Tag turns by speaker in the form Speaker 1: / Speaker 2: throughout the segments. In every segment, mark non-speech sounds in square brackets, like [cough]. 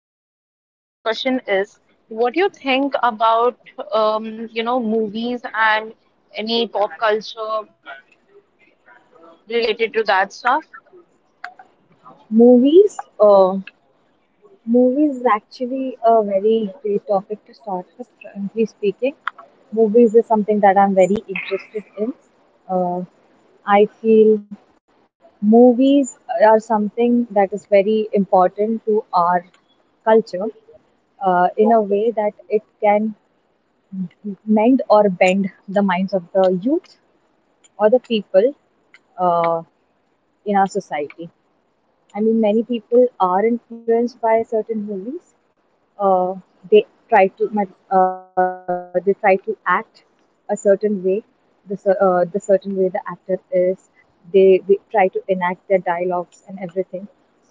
Speaker 1: I mean, the first question is what do you think about, you know, movies and any pop culture related to that stuff?
Speaker 2: Movies, uh, Movies is actually a very great topic to start with. Frankly speaking, movies is something that I'm very interested in. Uh, I feel movies are something that is very important to our culture in a way that it can mend or bend the minds of the youth or the people, uh, in our society. I mean, many people are influenced by certain movies. Uh, they try to act a certain way, the certain way the actor is. They try to enact their dialogues and everything. So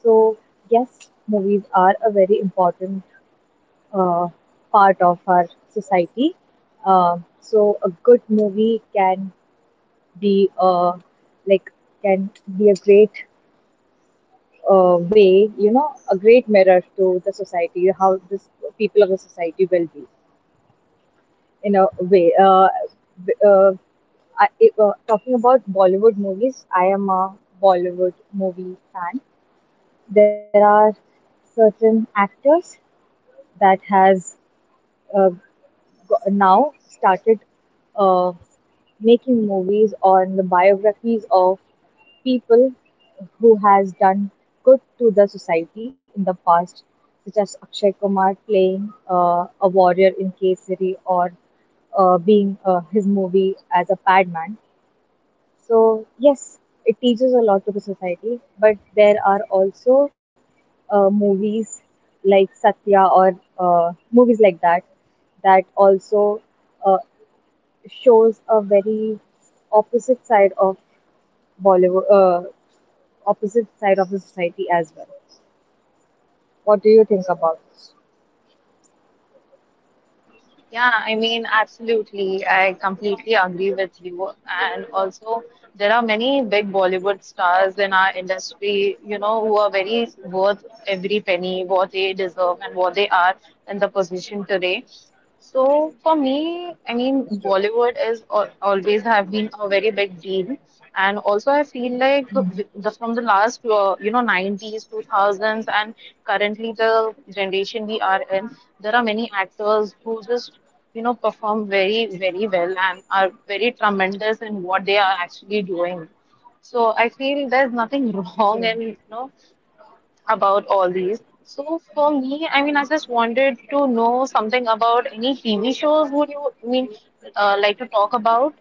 Speaker 2: yes, movies are a very important uh, part of our society. So a good movie can be like can be a great, way, you know, a great mirror to the society, how this people of the society will be in a way. B- I, if, Talking about bollywood movies, I am a bollywood movie fan. There are certain actors that has uh, now started, uh, making movies on the biographies of people who has done good to the society in the past, such as Akshay Kumar playing a warrior in Kesari, or being his movie as a Padman. So, yes, it teaches a lot to the society, but there are also movies like Satya, or movies like that, that also uh, shows a very opposite side of Bollywood, opposite side of the society as well. What do you think about this?
Speaker 1: Yeah, I mean, absolutely. I completely agree with you. And also, there are many big Bollywood stars in our industry, you know, who are very worth every penny, what they deserve, and what they are in the position today. So for me, I
Speaker 2: That is
Speaker 1: mean,
Speaker 2: true.
Speaker 1: Bollywood is al always have been a very big deal, and also I feel like the from the last you know 90s, 2000s, and currently the generation we are in, there are many actors who just you know perform very very well and are very tremendous in what they are actually doing. So I feel there's nothing [laughs]
Speaker 2: True.
Speaker 1: wrong in you know about all these. So for me, I mean, I just wanted to know something about any TV shows would you, I mean, like to talk about?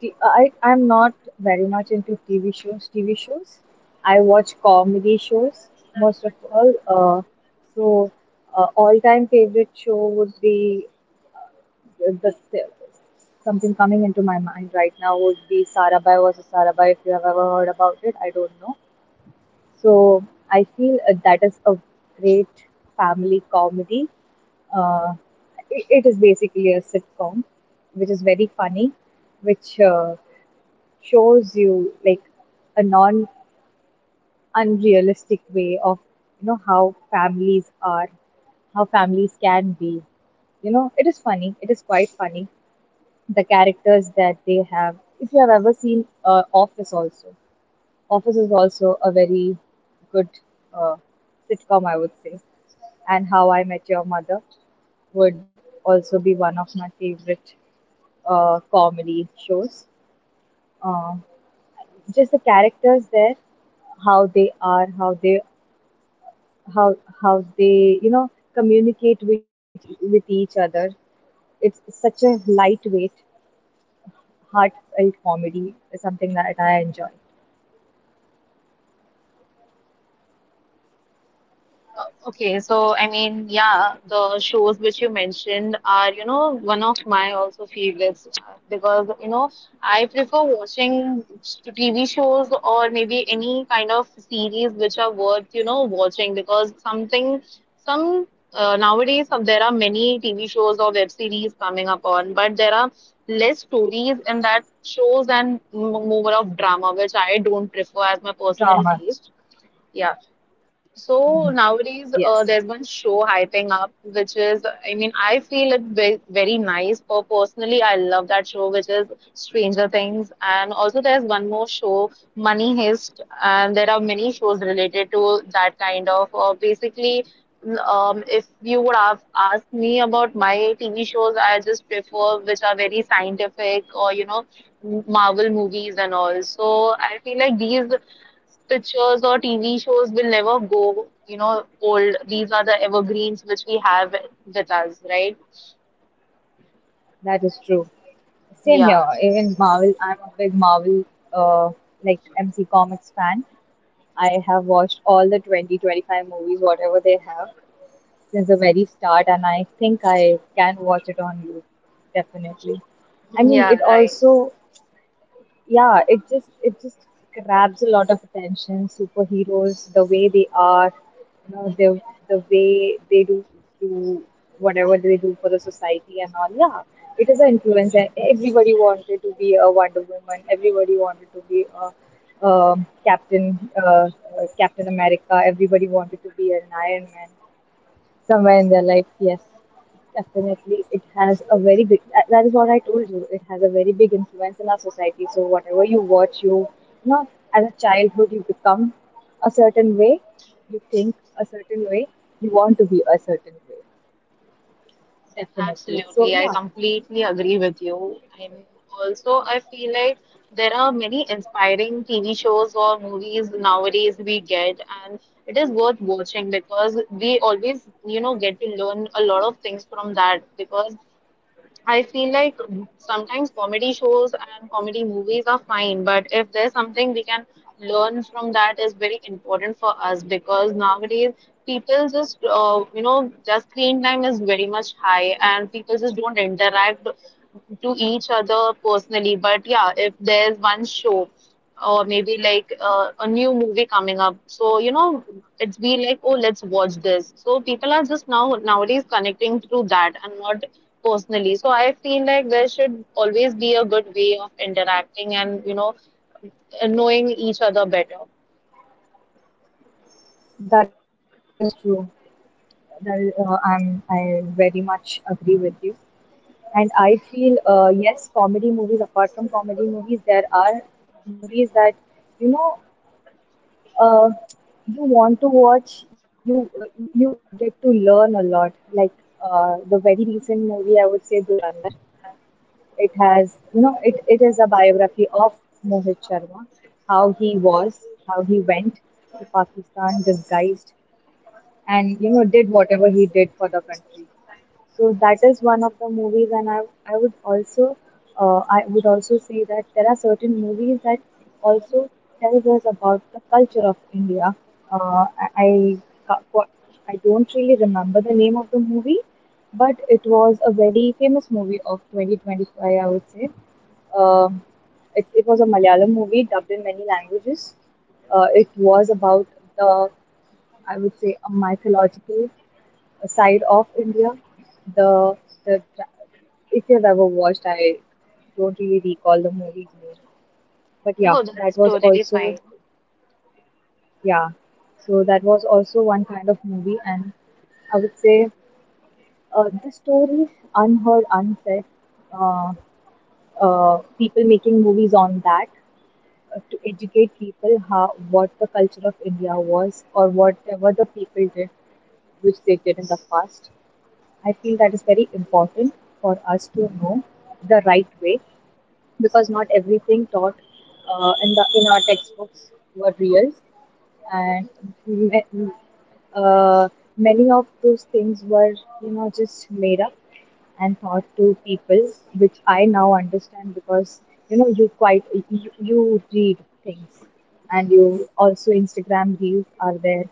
Speaker 2: I'm not very much into TV shows. TV shows, I watch comedy shows most of all. So, All-time favorite show would be, the something coming into my mind right now would be Sarabhai versus Sarabhai. If you have ever heard about it, I don't know. So, I feel that is a great family comedy. Uh, it is basically a sitcom, which is very funny, which, shows you like a non unrealistic way of, you know, how families are, how families can be. You know, it is funny, it is quite funny, the characters that they have. If you have ever seen, office also, office is also a very good, uh, sitcom, I would say. And How I Met Your Mother would also be one of my favorite, comedy shows. uh, just the characters there, how they are, how how they, you know, communicate with with each other. It's such a lightweight heartfelt comedy is something that I enjoy.
Speaker 1: Okay, so I mean, yeah, the shows which you mentioned are, you know, one of my also favorites because, you know, I prefer watching TV shows or maybe any kind of series which are worth, you know, watching because something, some nowadays some, there are many TV shows or web series coming up on, but there are less stories in that shows and more of drama, which I don't prefer as my
Speaker 2: Drama.
Speaker 1: personal taste. Yeah.
Speaker 2: Mhm.
Speaker 1: So nowadays,
Speaker 2: Yes,
Speaker 1: there's one show hyping up, which is, I mean, I feel it very, very nice. Personally, I love that show, which is Stranger Things. And also, there's one more show, Money Heist, and there are many shows related to that kind of. Basically, if you would have asked me about my TV shows, I just prefer which are very scientific or you know, Marvel movies and all. So I feel like these pictures or TV shows will never go, you know, old. These are the evergreens which we have with us, right?
Speaker 2: that is true. Same here.
Speaker 1: Yeah,
Speaker 2: Even Marvel, I'm a big Marvel, uh, like MC Comics fan. I have watched all the 2025 movies, whatever they have, since the very start, and I think I can watch it on loop, definitely. I mean, it
Speaker 1: yeah, right.
Speaker 2: also, yeah, it just grabs a lot of attention. Superheroes, the way they are, you know, the way they do whatever they do for the society and all. Yeah, it is an influence, and everybody wanted to be a Wonder Woman. Everybody wanted to be a Captain, Captain America. Everybody wanted to be an Iron Man somewhere in their life. Yes, definitely, it has a very big, that is what I told you, it has a very big influence in our society. So whatever you watch, you know, as a childhood, you become a certain way, you think a certain way, you want to be a certain way, definitely.
Speaker 1: Absolutely.
Speaker 2: So
Speaker 1: I
Speaker 2: yeah,
Speaker 1: completely agree with you. And also, I feel like there are many inspiring TV shows or movies nowadays we get, and it is worth watching because we always, you know, get to learn a lot of things from that because I feel like sometimes comedy shows and comedy movies are fine, but if there's something we can learn from that is very important for us because nowadays people just you know just screen time is very much high and people just don't interact to each other personally. But yeah, if there's one show or maybe like a new movie coming up. So, you know, it's be like, oh, let's watch this. So people are just now nowadays connecting through that and not personally. So I feel like there should always be a good way of interacting and, you know, knowing each other better.
Speaker 2: that is true. That is, I very much agree with you, and I feel, yes, comedy movies, apart from comedy movies, there are movies that, you know, uh, you want to watch. You you get to learn a lot. Like, the very recent movie, I would say Durandar. It has, you know, it is a biography of Mohit Sharma, how he was, how he went to Pakistan disguised, and, you know, did whatever he did for the country. So that is one of the movies, and I would also I would also say that there are certain movies that also tells us about the culture of India. Uh, I I ca- qua- I don't really remember the name of the movie, but it was a very famous movie of 2025, I would say. Um it, it was a Malayalam movie dubbed in many languages. It was about the, I would say, a mythological side of India. The the If you've ever watched, I don't really recall the movie's name, but yeah,
Speaker 1: Oh, that's
Speaker 2: that was
Speaker 1: totally fine.
Speaker 2: also yeah. So that was also one kind of movie, and I would say, the story unheard, unsaid. Uh, People making movies on that, to educate people how, what the culture of India was, or whatever the people did, which they did in the past. I feel that is very important for us to know the right way, because not everything taught, in our textbooks were real, and, ma- uh, many of those things were, you know, just made up and taught to people, which I now understand because, you know, you, you read things. And you also, Instagram reels are there,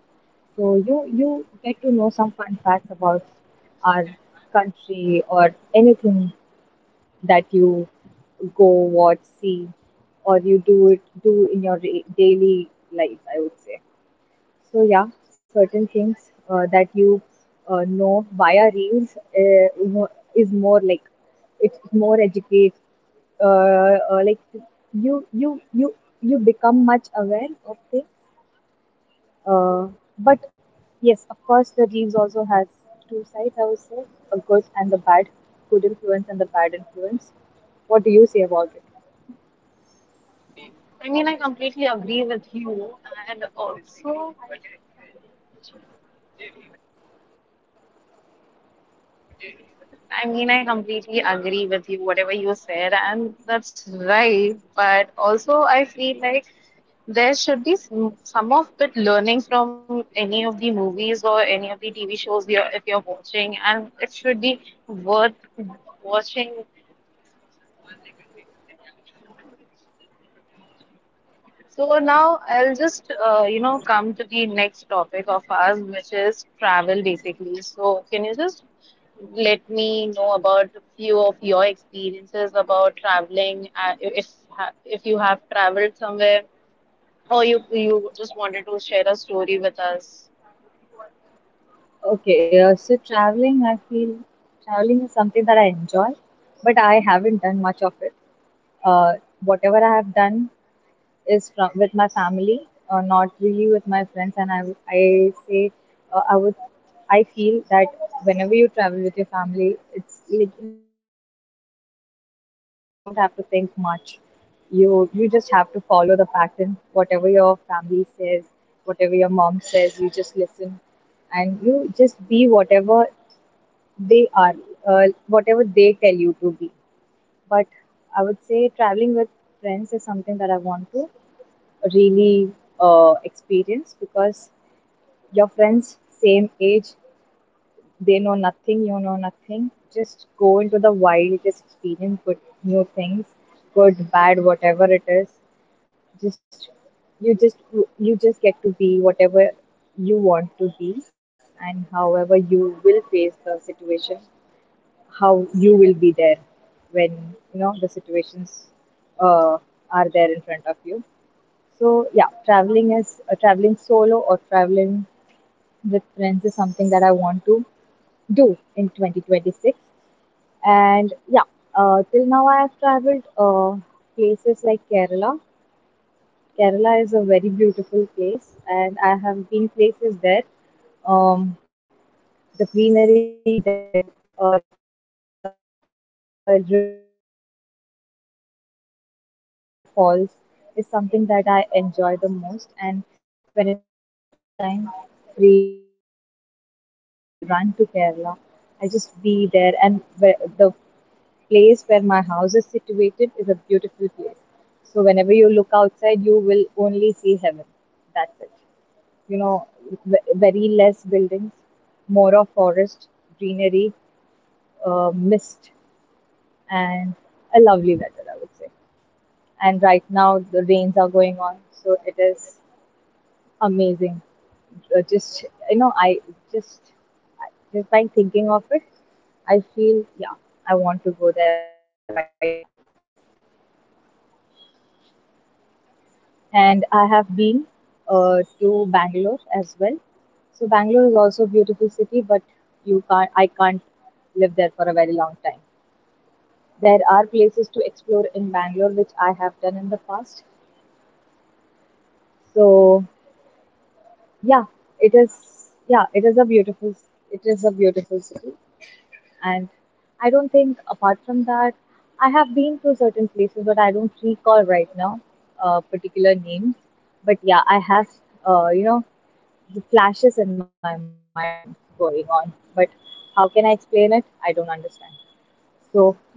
Speaker 2: so you get to know some fun facts about our country or anything that you go watch, see, or you do in your daily life, I would say. So yeah, certain things, that you, know via reels, is more like, it's more educate, like you you you you become much aware of things, uh, but yes, of course, the reels also has two sides, I would say, a good and the bad, good influence and the bad influence. What do you say about it?
Speaker 1: I mean, I completely agree with you. And also, I mean, I completely agree with you, whatever you said, and that's right. But also, I feel like there should be some of it learning from any of the movies or any of the TV shows you're, if you're watching, and it should be worth watching. So now I'll just you know come to the next topic of ours, which is travel basically. So can you just let me know about a few of your experiences about traveling, if you have traveled somewhere, or you just wanted to share a story with us?
Speaker 2: Okay, so traveling, I feel, traveling is something that I enjoy, but I haven't done much of it. Uh, Whatever I have done is from with my family, not really with my friends. And I would- I say I would I feel that whenever you travel with your family, it's like, you know, you're in a safe space. You don't have to think much. You just have to follow the pattern. Whatever your family says, whatever your mom says, you just listen, and you just be whatever they are, uh, whatever they tell you to be. But I would say traveling with friends is something that I want to really, experience, because your friends, same age, they know nothing, you know nothing, just go into the wild, just experience good new things, good bad, whatever it is, just you just you just get to be whatever you want to be, and however you will face the situation, how you will be there when, you know, the situations, uh, are there in front of you. So yeah, traveling solo or traveling with friends is something that I want to do in 2026. And yeah, till now I have traveled, places like Kerala. Kerala is a very beautiful place, and I have been places there. Um, the greenery there, uh, the the rivers, the uh, waterfalls is something that I enjoy the most. And whenever I get some time free, like a week or so, I run to Kerala. I just be there, and the place where my house is situated is a beautiful place. So whenever you look outside, you will only see heaven. That's it, you know, very less buildings, more of forest, greenery, mist, and a lovely weather, I would say. And right now, the rains are going on, so it is amazing. Just, you know, just, just by thinking of it, I feel, yeah, I want to go there right now. And I have been, to Bangalore as well. So Bangalore is also a beautiful city, but you can't I can't live there for a very long time. There are places to explore in Bangalore which I have done in the past. So yeah, it is yeah, it is a beautiful it is a beautiful city. And I don't think apart from that I have been to certain places, but I don't recall right now particular names. But yeah, I have uh, you know the flashes in my mind going on, but how can I explain it? I don't understand. So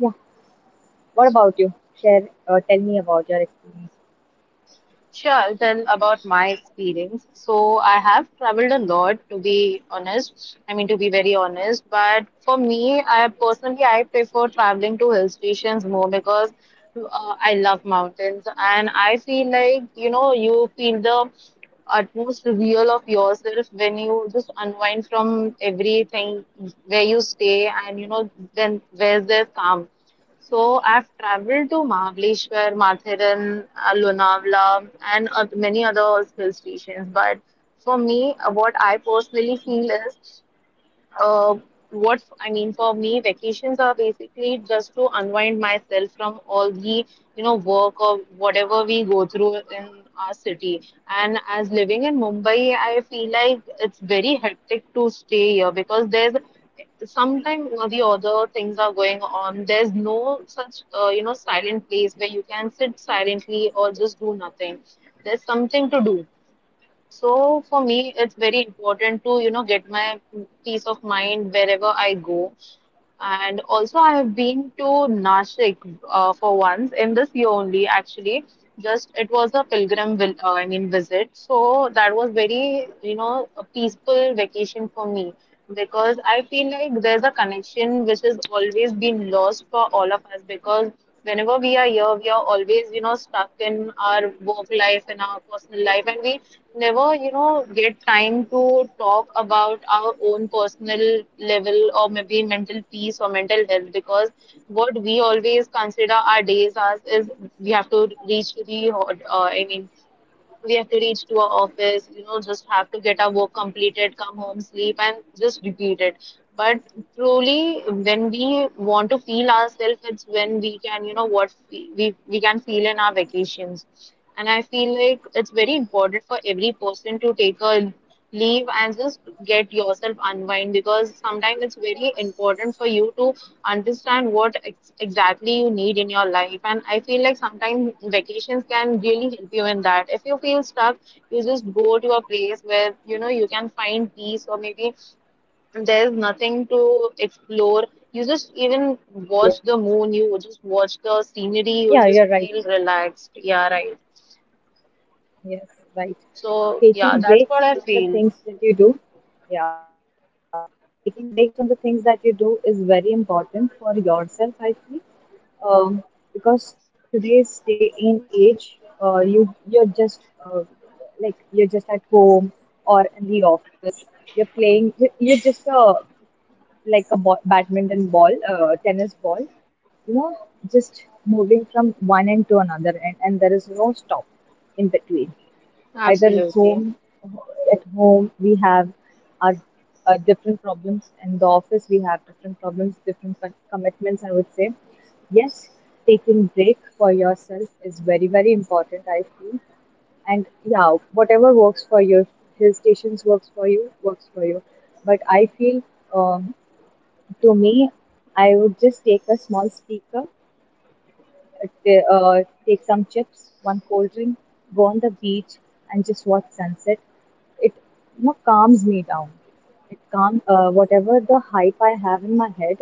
Speaker 2: what about you? Share, tell me about your experience.
Speaker 1: Sure, I'll tell about my experience. So, I have traveled a lot to be honest. I mean, to be very honest, but for me, I personally I prefer traveling to hill stations more because I love mountains and I feel like, you know, you feel the utmost real of yourself when you just unwind from everything where you stay and you know then where's there's calm so I've traveled to Mahabaleshwar, Matharan, Lonavala, and many other hill stations. But for me, what I personally feel is uh, what I mean for me, vacations are basically just to unwind myself from all the you know work or whatever we go through in our city. And as living in Mumbai, I feel like it's very hectic to stay here because there's sometimes the other things are going on. There's no such you know silent place where you can sit silently or just do nothing. There's something to do. So for me, it's very important to, you know, get my peace of mind wherever I go. And also, I have been to Nashik for once in this year only, actually. Just it was a pilgrim, vil I mean, visit. So that was very, you know, a peaceful vacation for me because I feel like there's a connection which has always been lost for all of us because whenever we are here, we are always, you know, stuck in our work life and our personal life, and we never, you know, get time to talk about our own personal level or maybe mental peace or mental health because what we always consider our days as is we have to reach to the, ho- I mean, we have to reach to our office, you know, just have to get our work completed, come home, sleep, and just repeat it. But truly, when we want to feel ourselves, it's when we can, you know, what we can feel in our vacations. And I feel like it's very important for every person to take a leave and just get yourself unwind because sometimes it's very important for you to understand what exactly you need in your life, and I feel like sometimes vacations can really help you in that. If you feel stuck, you just go to a place where you know you can find peace, or maybe there's nothing to explore. You just
Speaker 2: Yes,
Speaker 1: even
Speaker 2: yes.
Speaker 1: watch the moon, you just watch the scenery, you
Speaker 2: Yeah,
Speaker 1: just
Speaker 2: you're right.
Speaker 1: feel relaxed, yeah, right.
Speaker 2: Yes. Right.
Speaker 1: So yeah, that's
Speaker 2: Taking
Speaker 1: what I
Speaker 2: breaks from
Speaker 1: feel.
Speaker 2: the things that you do. Yeah. Taking breaks from the things that you do is very important for yourself, I feel. um, because today's day in age, you're just like you're just at home or in the office. You're playing you're just a, like a ball, badminton ball, tennis ball, you know, just moving from one end to another end, and there is no stop in between. Either it's
Speaker 1: Absolutely.
Speaker 2: home, at home we have our different problems, in the office we have different problems, different commitments, I would say. Yes, taking break for yourself is very, very important, I feel. And yeah, whatever works for you. Hill stations works for you, works for you. But I feel, um, to me, I would just take a small speaker, take some chips, one cold drink, go on the beach, and just watch sunset. It, you know, calms me down. It calm whatever the hype I have in my head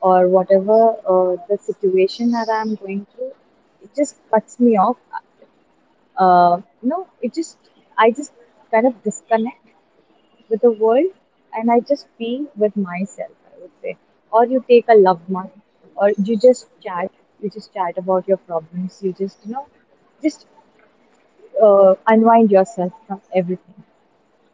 Speaker 2: or whatever the situation that I'm going through, it just cuts me off. You know, it just, I just kind of disconnect with the world, and I just be with myself, I would say. Or you take a loved one, or you just chat about your problems, you just, you know, just unwind yourself from everything,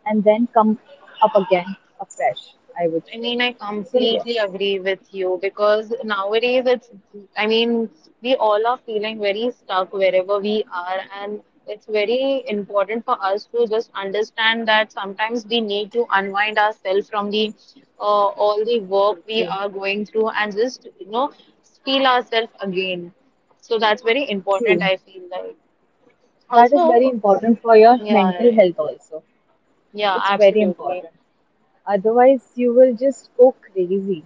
Speaker 2: and then come up again afresh, I would
Speaker 1: I
Speaker 2: say.
Speaker 1: mean, I
Speaker 2: So,
Speaker 1: completely
Speaker 2: yes.
Speaker 1: agree with you because nowadays I mean, we all are feeling very stuck wherever we are, and it's very important for us to just understand that sometimes we need to unwind ourselves from the all the work
Speaker 2: True,
Speaker 1: we
Speaker 2: true,
Speaker 1: are going through and just, you know, feel ourselves again. So that's very important,
Speaker 2: true.
Speaker 1: I feel like.
Speaker 2: That is very
Speaker 1: Also,
Speaker 2: important for your
Speaker 1: yeah,
Speaker 2: mental
Speaker 1: right.
Speaker 2: health also.
Speaker 1: Yeah,
Speaker 2: It's very
Speaker 1: absolutely.
Speaker 2: important. Otherwise, you will just go crazy.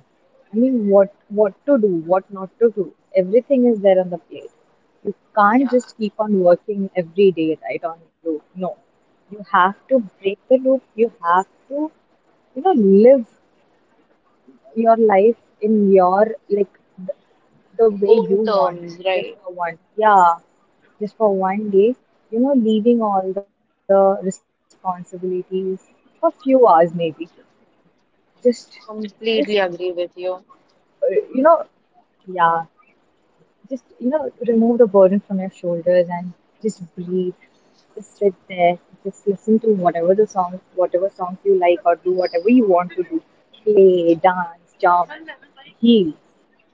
Speaker 2: I mean, what to do, what not to do. Everything is there on the plate. You can't
Speaker 1: Yeah,
Speaker 2: just keep on working every day right on loop. No, you have to break the loop. You have to, you know, live your life in your, like, the way
Speaker 1: own
Speaker 2: you
Speaker 1: terms,
Speaker 2: want,
Speaker 1: right.
Speaker 2: just for one. Yeah, just for one day, you know, leaving all the responsibilities for few hours maybe. Just,
Speaker 1: Completely agree with
Speaker 2: just,
Speaker 1: you.
Speaker 2: uh, you know, yeah, just, you know, remove the burden from your shoulders and just breathe. Just sit there, just listen to whatever the song, whatever songs you like, or do whatever you want to do. Play, dance, jump, heal.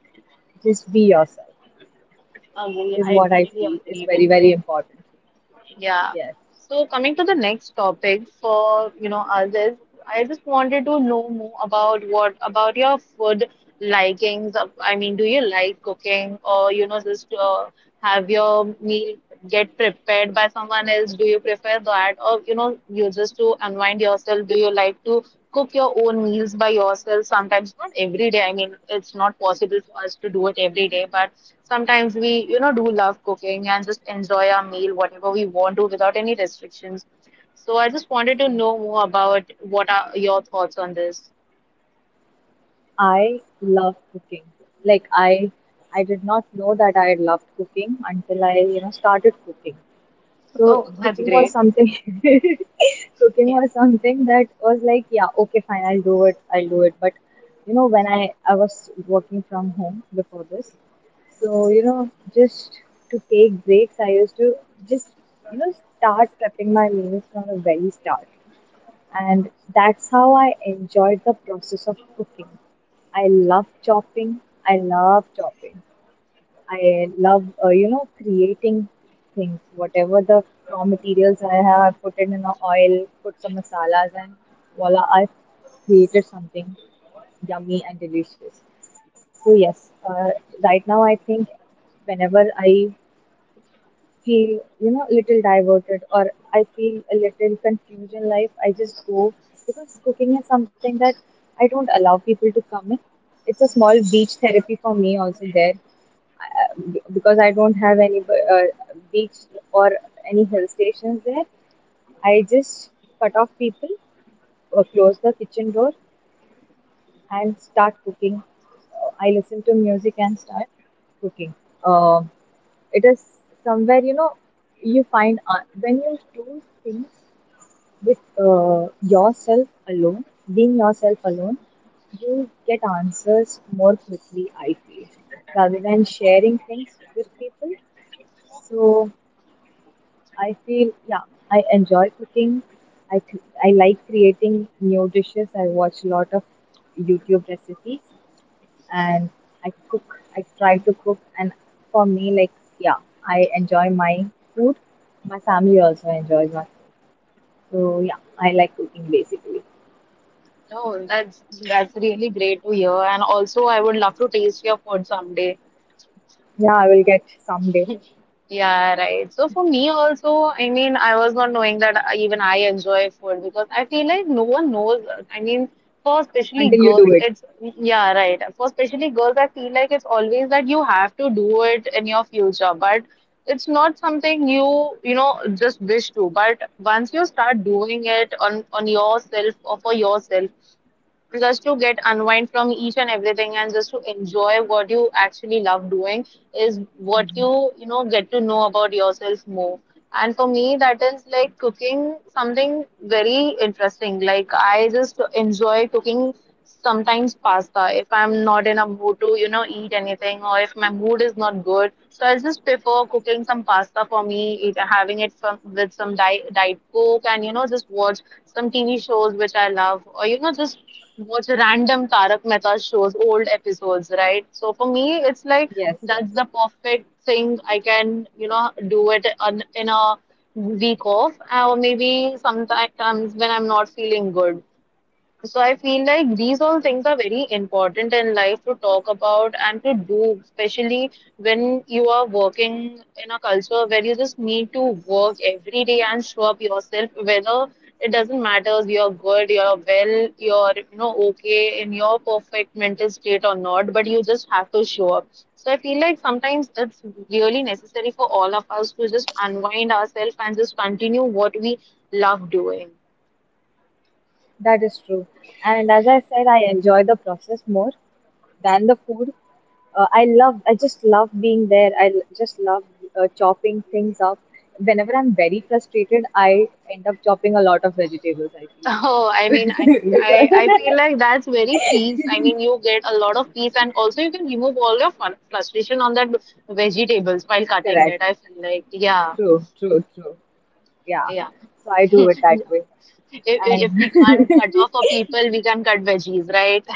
Speaker 2: Just be yourself,
Speaker 1: Agree. I
Speaker 2: is
Speaker 1: totally
Speaker 2: what I
Speaker 1: agree with
Speaker 2: feel
Speaker 1: you.
Speaker 2: is very, very important.
Speaker 1: Yeah. So
Speaker 2: Yes.
Speaker 1: coming to the next topic for you know us is I just wanted to know more about what about your food likings. I mean, do you like cooking or you know just have your meal get prepared by someone else? Do you prefer that? Or, you know, you just to unwind yourself, do you like to cook your own meals by yourself? Sometimes, not every day. I mean, it's not possible for us to do it every day, but sometimes we, you know, do love cooking and just enjoy our meal, whatever we want to, without any restrictions. So I just wanted to
Speaker 2: True.
Speaker 1: know more about what are your thoughts on this.
Speaker 2: I love cooking. Like I did not know that I loved cooking until I, you know, started cooking. So
Speaker 1: Oh, that's
Speaker 2: cooking was
Speaker 1: great.
Speaker 2: something [laughs] cooking
Speaker 1: Yeah.
Speaker 2: was something that was like, yeah, okay, fine, I'll do it, I'll do it. But you know, when I was working from home before this, so you know, just to take breaks, I used to just, you know, start prepping my meals from the very start, and that's how I enjoyed the process of cooking. I love chopping. I love chopping. I love, creating things. Whatever the raw materials I have, I put it in a oil, put some masalas, and voila, I created something yummy and delicious. So yes, right now I think whenever I feel, you know, little diverted or I feel a little confused in life, I just go, because cooking is something that I don't allow people to come in. It's a small beach therapy for me also there, because I don't have any beach or any hill stations there. I just cut off people, close the kitchen door, and start cooking. I listen to music and start cooking. Uh, it is somewhere, you know, you find when you do things with yourself alone, being yourself alone, you get answers more quickly, I feel, rather than sharing things with people. So I feel, yeah, I enjoy cooking. I like creating new dishes. I watch a lot of YouTube recipes, and I cook, I try to cook. And for me, like, yeah, I enjoy my food. My family also enjoys my food. So, yeah, I like cooking basically.
Speaker 1: No, that's really great to hear. And also, I would love to taste your food someday.
Speaker 2: Yeah, I will get someday
Speaker 1: Yeah, right. So for me also, I mean, I was not knowing that even I enjoy food because I feel like no one knows. I mean, for especially
Speaker 2: until you do
Speaker 1: girls,
Speaker 2: it.
Speaker 1: it's yeah, right. For especially girls, I feel like it's always that you have to do it in your future, but it's not something you, you know, just wish to. But once you start doing it on yourself or for yourself, just to get unwind from each and everything and just to enjoy what you actually love doing is what you know get to know about yourself more, and for me that is like cooking, something very interesting. Like, I just enjoy cooking sometimes pasta if I'm not in a mood to you know eat anything or if my mood is not good, so I just prefer cooking some pasta for me, eat, having it with some diet coke and you know just watch some TV shows which I love, or you know, just watch random Tarak Mehta shows, old episodes, right? So for me, it's like
Speaker 2: Yes,
Speaker 1: that's the
Speaker 2: yes,
Speaker 1: perfect thing I can, you know, in a week off, or maybe sometimes when I'm not feeling good. So I feel like these all things are very important in life to talk about and to do, especially when you are working in a culture where you just need to work every day and show up yourself, whether it doesn't matter if you're good, you're well, you're you know okay in your perfect mental state or not, but you just have to show up. So I feel like sometimes it's really necessary for all of us to just unwind ourselves and just continue what we love doing.
Speaker 2: that is true. And as I said, I enjoy the process more than the food. I love, I just love being there. Just love chopping things up. Whenever I'm very frustrated, I end up chopping a lot of vegetables, I
Speaker 1: Oh,
Speaker 2: feel.
Speaker 1: I mean,
Speaker 2: [laughs]
Speaker 1: I
Speaker 2: Because-
Speaker 1: feel like that's very peace. I mean, you get a lot of peace, and also you can remove all your fun, frustration on that vegetables
Speaker 2: [laughs]
Speaker 1: while
Speaker 2: Correct.
Speaker 1: cutting it. I feel like, yeah,
Speaker 2: True, true, true. Yeah.
Speaker 1: yeah.
Speaker 2: So I do
Speaker 1: [laughs]
Speaker 2: it that
Speaker 1: if,
Speaker 2: way. And
Speaker 1: if we can't
Speaker 2: [laughs]
Speaker 1: cut off for people, we can cut veggies, right?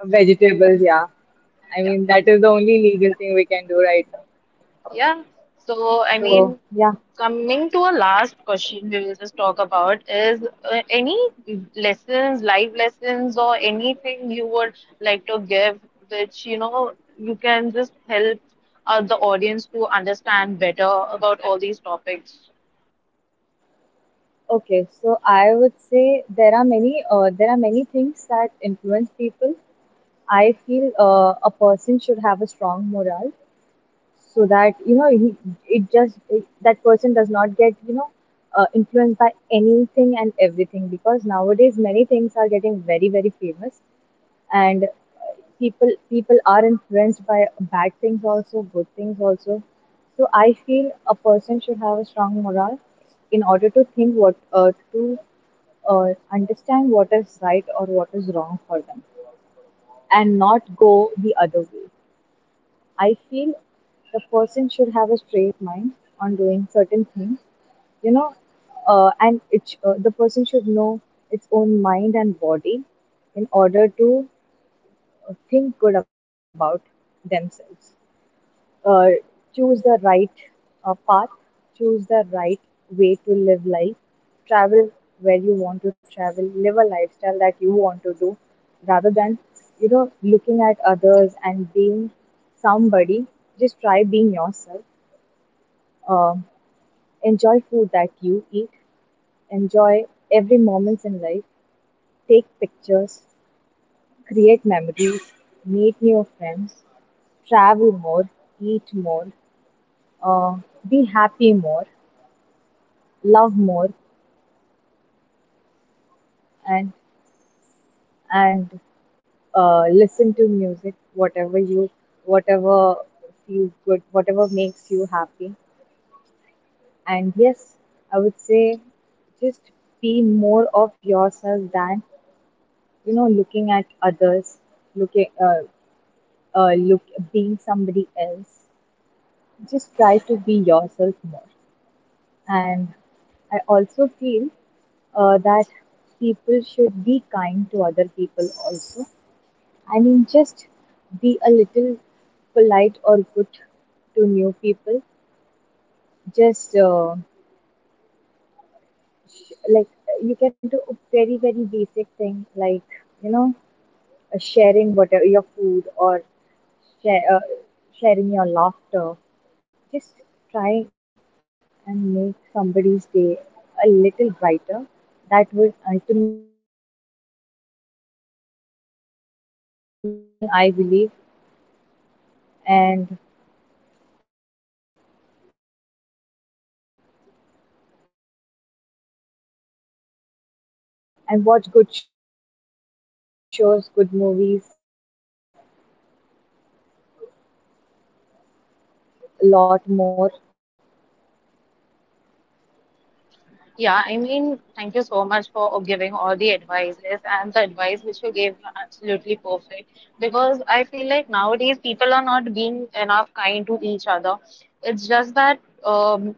Speaker 2: vegetables, yeah. I
Speaker 1: [laughs] Yeah.
Speaker 2: mean, that is the only legal thing we can do right now.
Speaker 1: Yeah. So, I
Speaker 2: So,
Speaker 1: mean,
Speaker 2: yeah.
Speaker 1: coming to a last question we will just talk about is any lessons, life lessons, or anything you would like to give, which, you know, you can just help the audience to understand better about all these topics.
Speaker 2: Okay, so I would say there are many things that influence people, I feel. A person should have a strong morale, so that you know he, that person does not get, you know, influenced by anything and everything, because nowadays many things are getting very, very famous, and people are influenced by bad things also, good things also. So I feel a person should have a strong morale in order to think what to understand what is right or what is wrong for them, and not go the other way. I feel the person should have a straight mind on doing certain things, you know, and the person should know its own mind and body in order to think good about themselves, uh, choose the right path, choose the right way to live life, travel where you want to travel, live a lifestyle that you want to do, rather than, you know, looking at others and being somebody. Just try being yourself. Um, Enjoy food that you eat. Enjoy every moments in life. Take pictures, create memories, meet new friends, travel more, eat more, uh, be happy more, love more, and and listen to music, whatever you, whatever feels good, whatever makes you happy. And yes, I would say just be more of yourself than, you know, looking at others, looking look being somebody else. Just try to be yourself more. And I also feel that people should be kind to other people also. I mean, just be a little polite or good to new people. Just like, you can do a very, very basic thing, like, you know, sharing whatever your food, or share, uh, sharing your laughter. Just try and make somebody's day a little brighter. That would ultimately make your day also brighter, I feel. Is something I believe. and and watch good shows, good movies, and visit temples, pray a lot more, be a good person. Yeah, that's it.
Speaker 1: Yeah, I
Speaker 2: What
Speaker 1: mean, thank
Speaker 2: else?
Speaker 1: you so much for giving all the advices and the advice which you gave were absolutely perfect because I feel like nowadays people are not being enough kind to each other. It's just that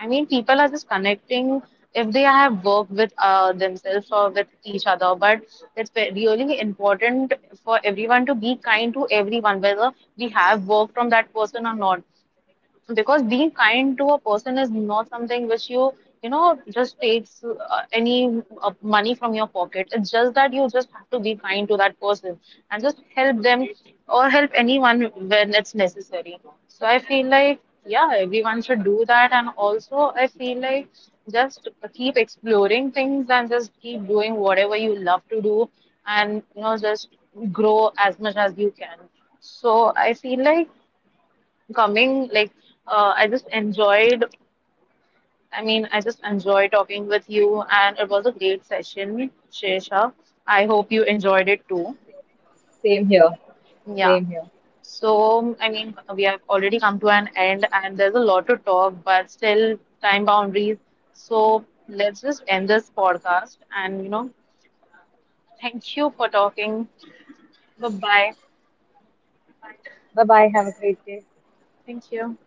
Speaker 1: I mean, people are just connecting if they have work with themselves or with each other. But it's really important for everyone to be kind to everyone, whether we have work from that person or not, because being kind to a person is not something which you know just takes any money from your pocket. It's just that you just have to be kind to that person and just help them, or help anyone when it's necessary. So I feel like yeah, everyone should do that, and also I feel like just keep exploring things and just keep doing whatever you love to do, and you know just grow as much as you can. So I feel like coming like I just enjoyed, I mean I just enjoy talking with you, and it was a great session, Shesha. I hope you enjoyed it too.
Speaker 2: Same here.
Speaker 1: Yeah.
Speaker 2: Same here.
Speaker 1: So I mean we have already come to an end, and there's a lot to talk but still time boundaries. So let's just end this podcast and you know, thank you for talking. Bye bye.
Speaker 2: Bye bye. Have a great day.
Speaker 1: Thank you.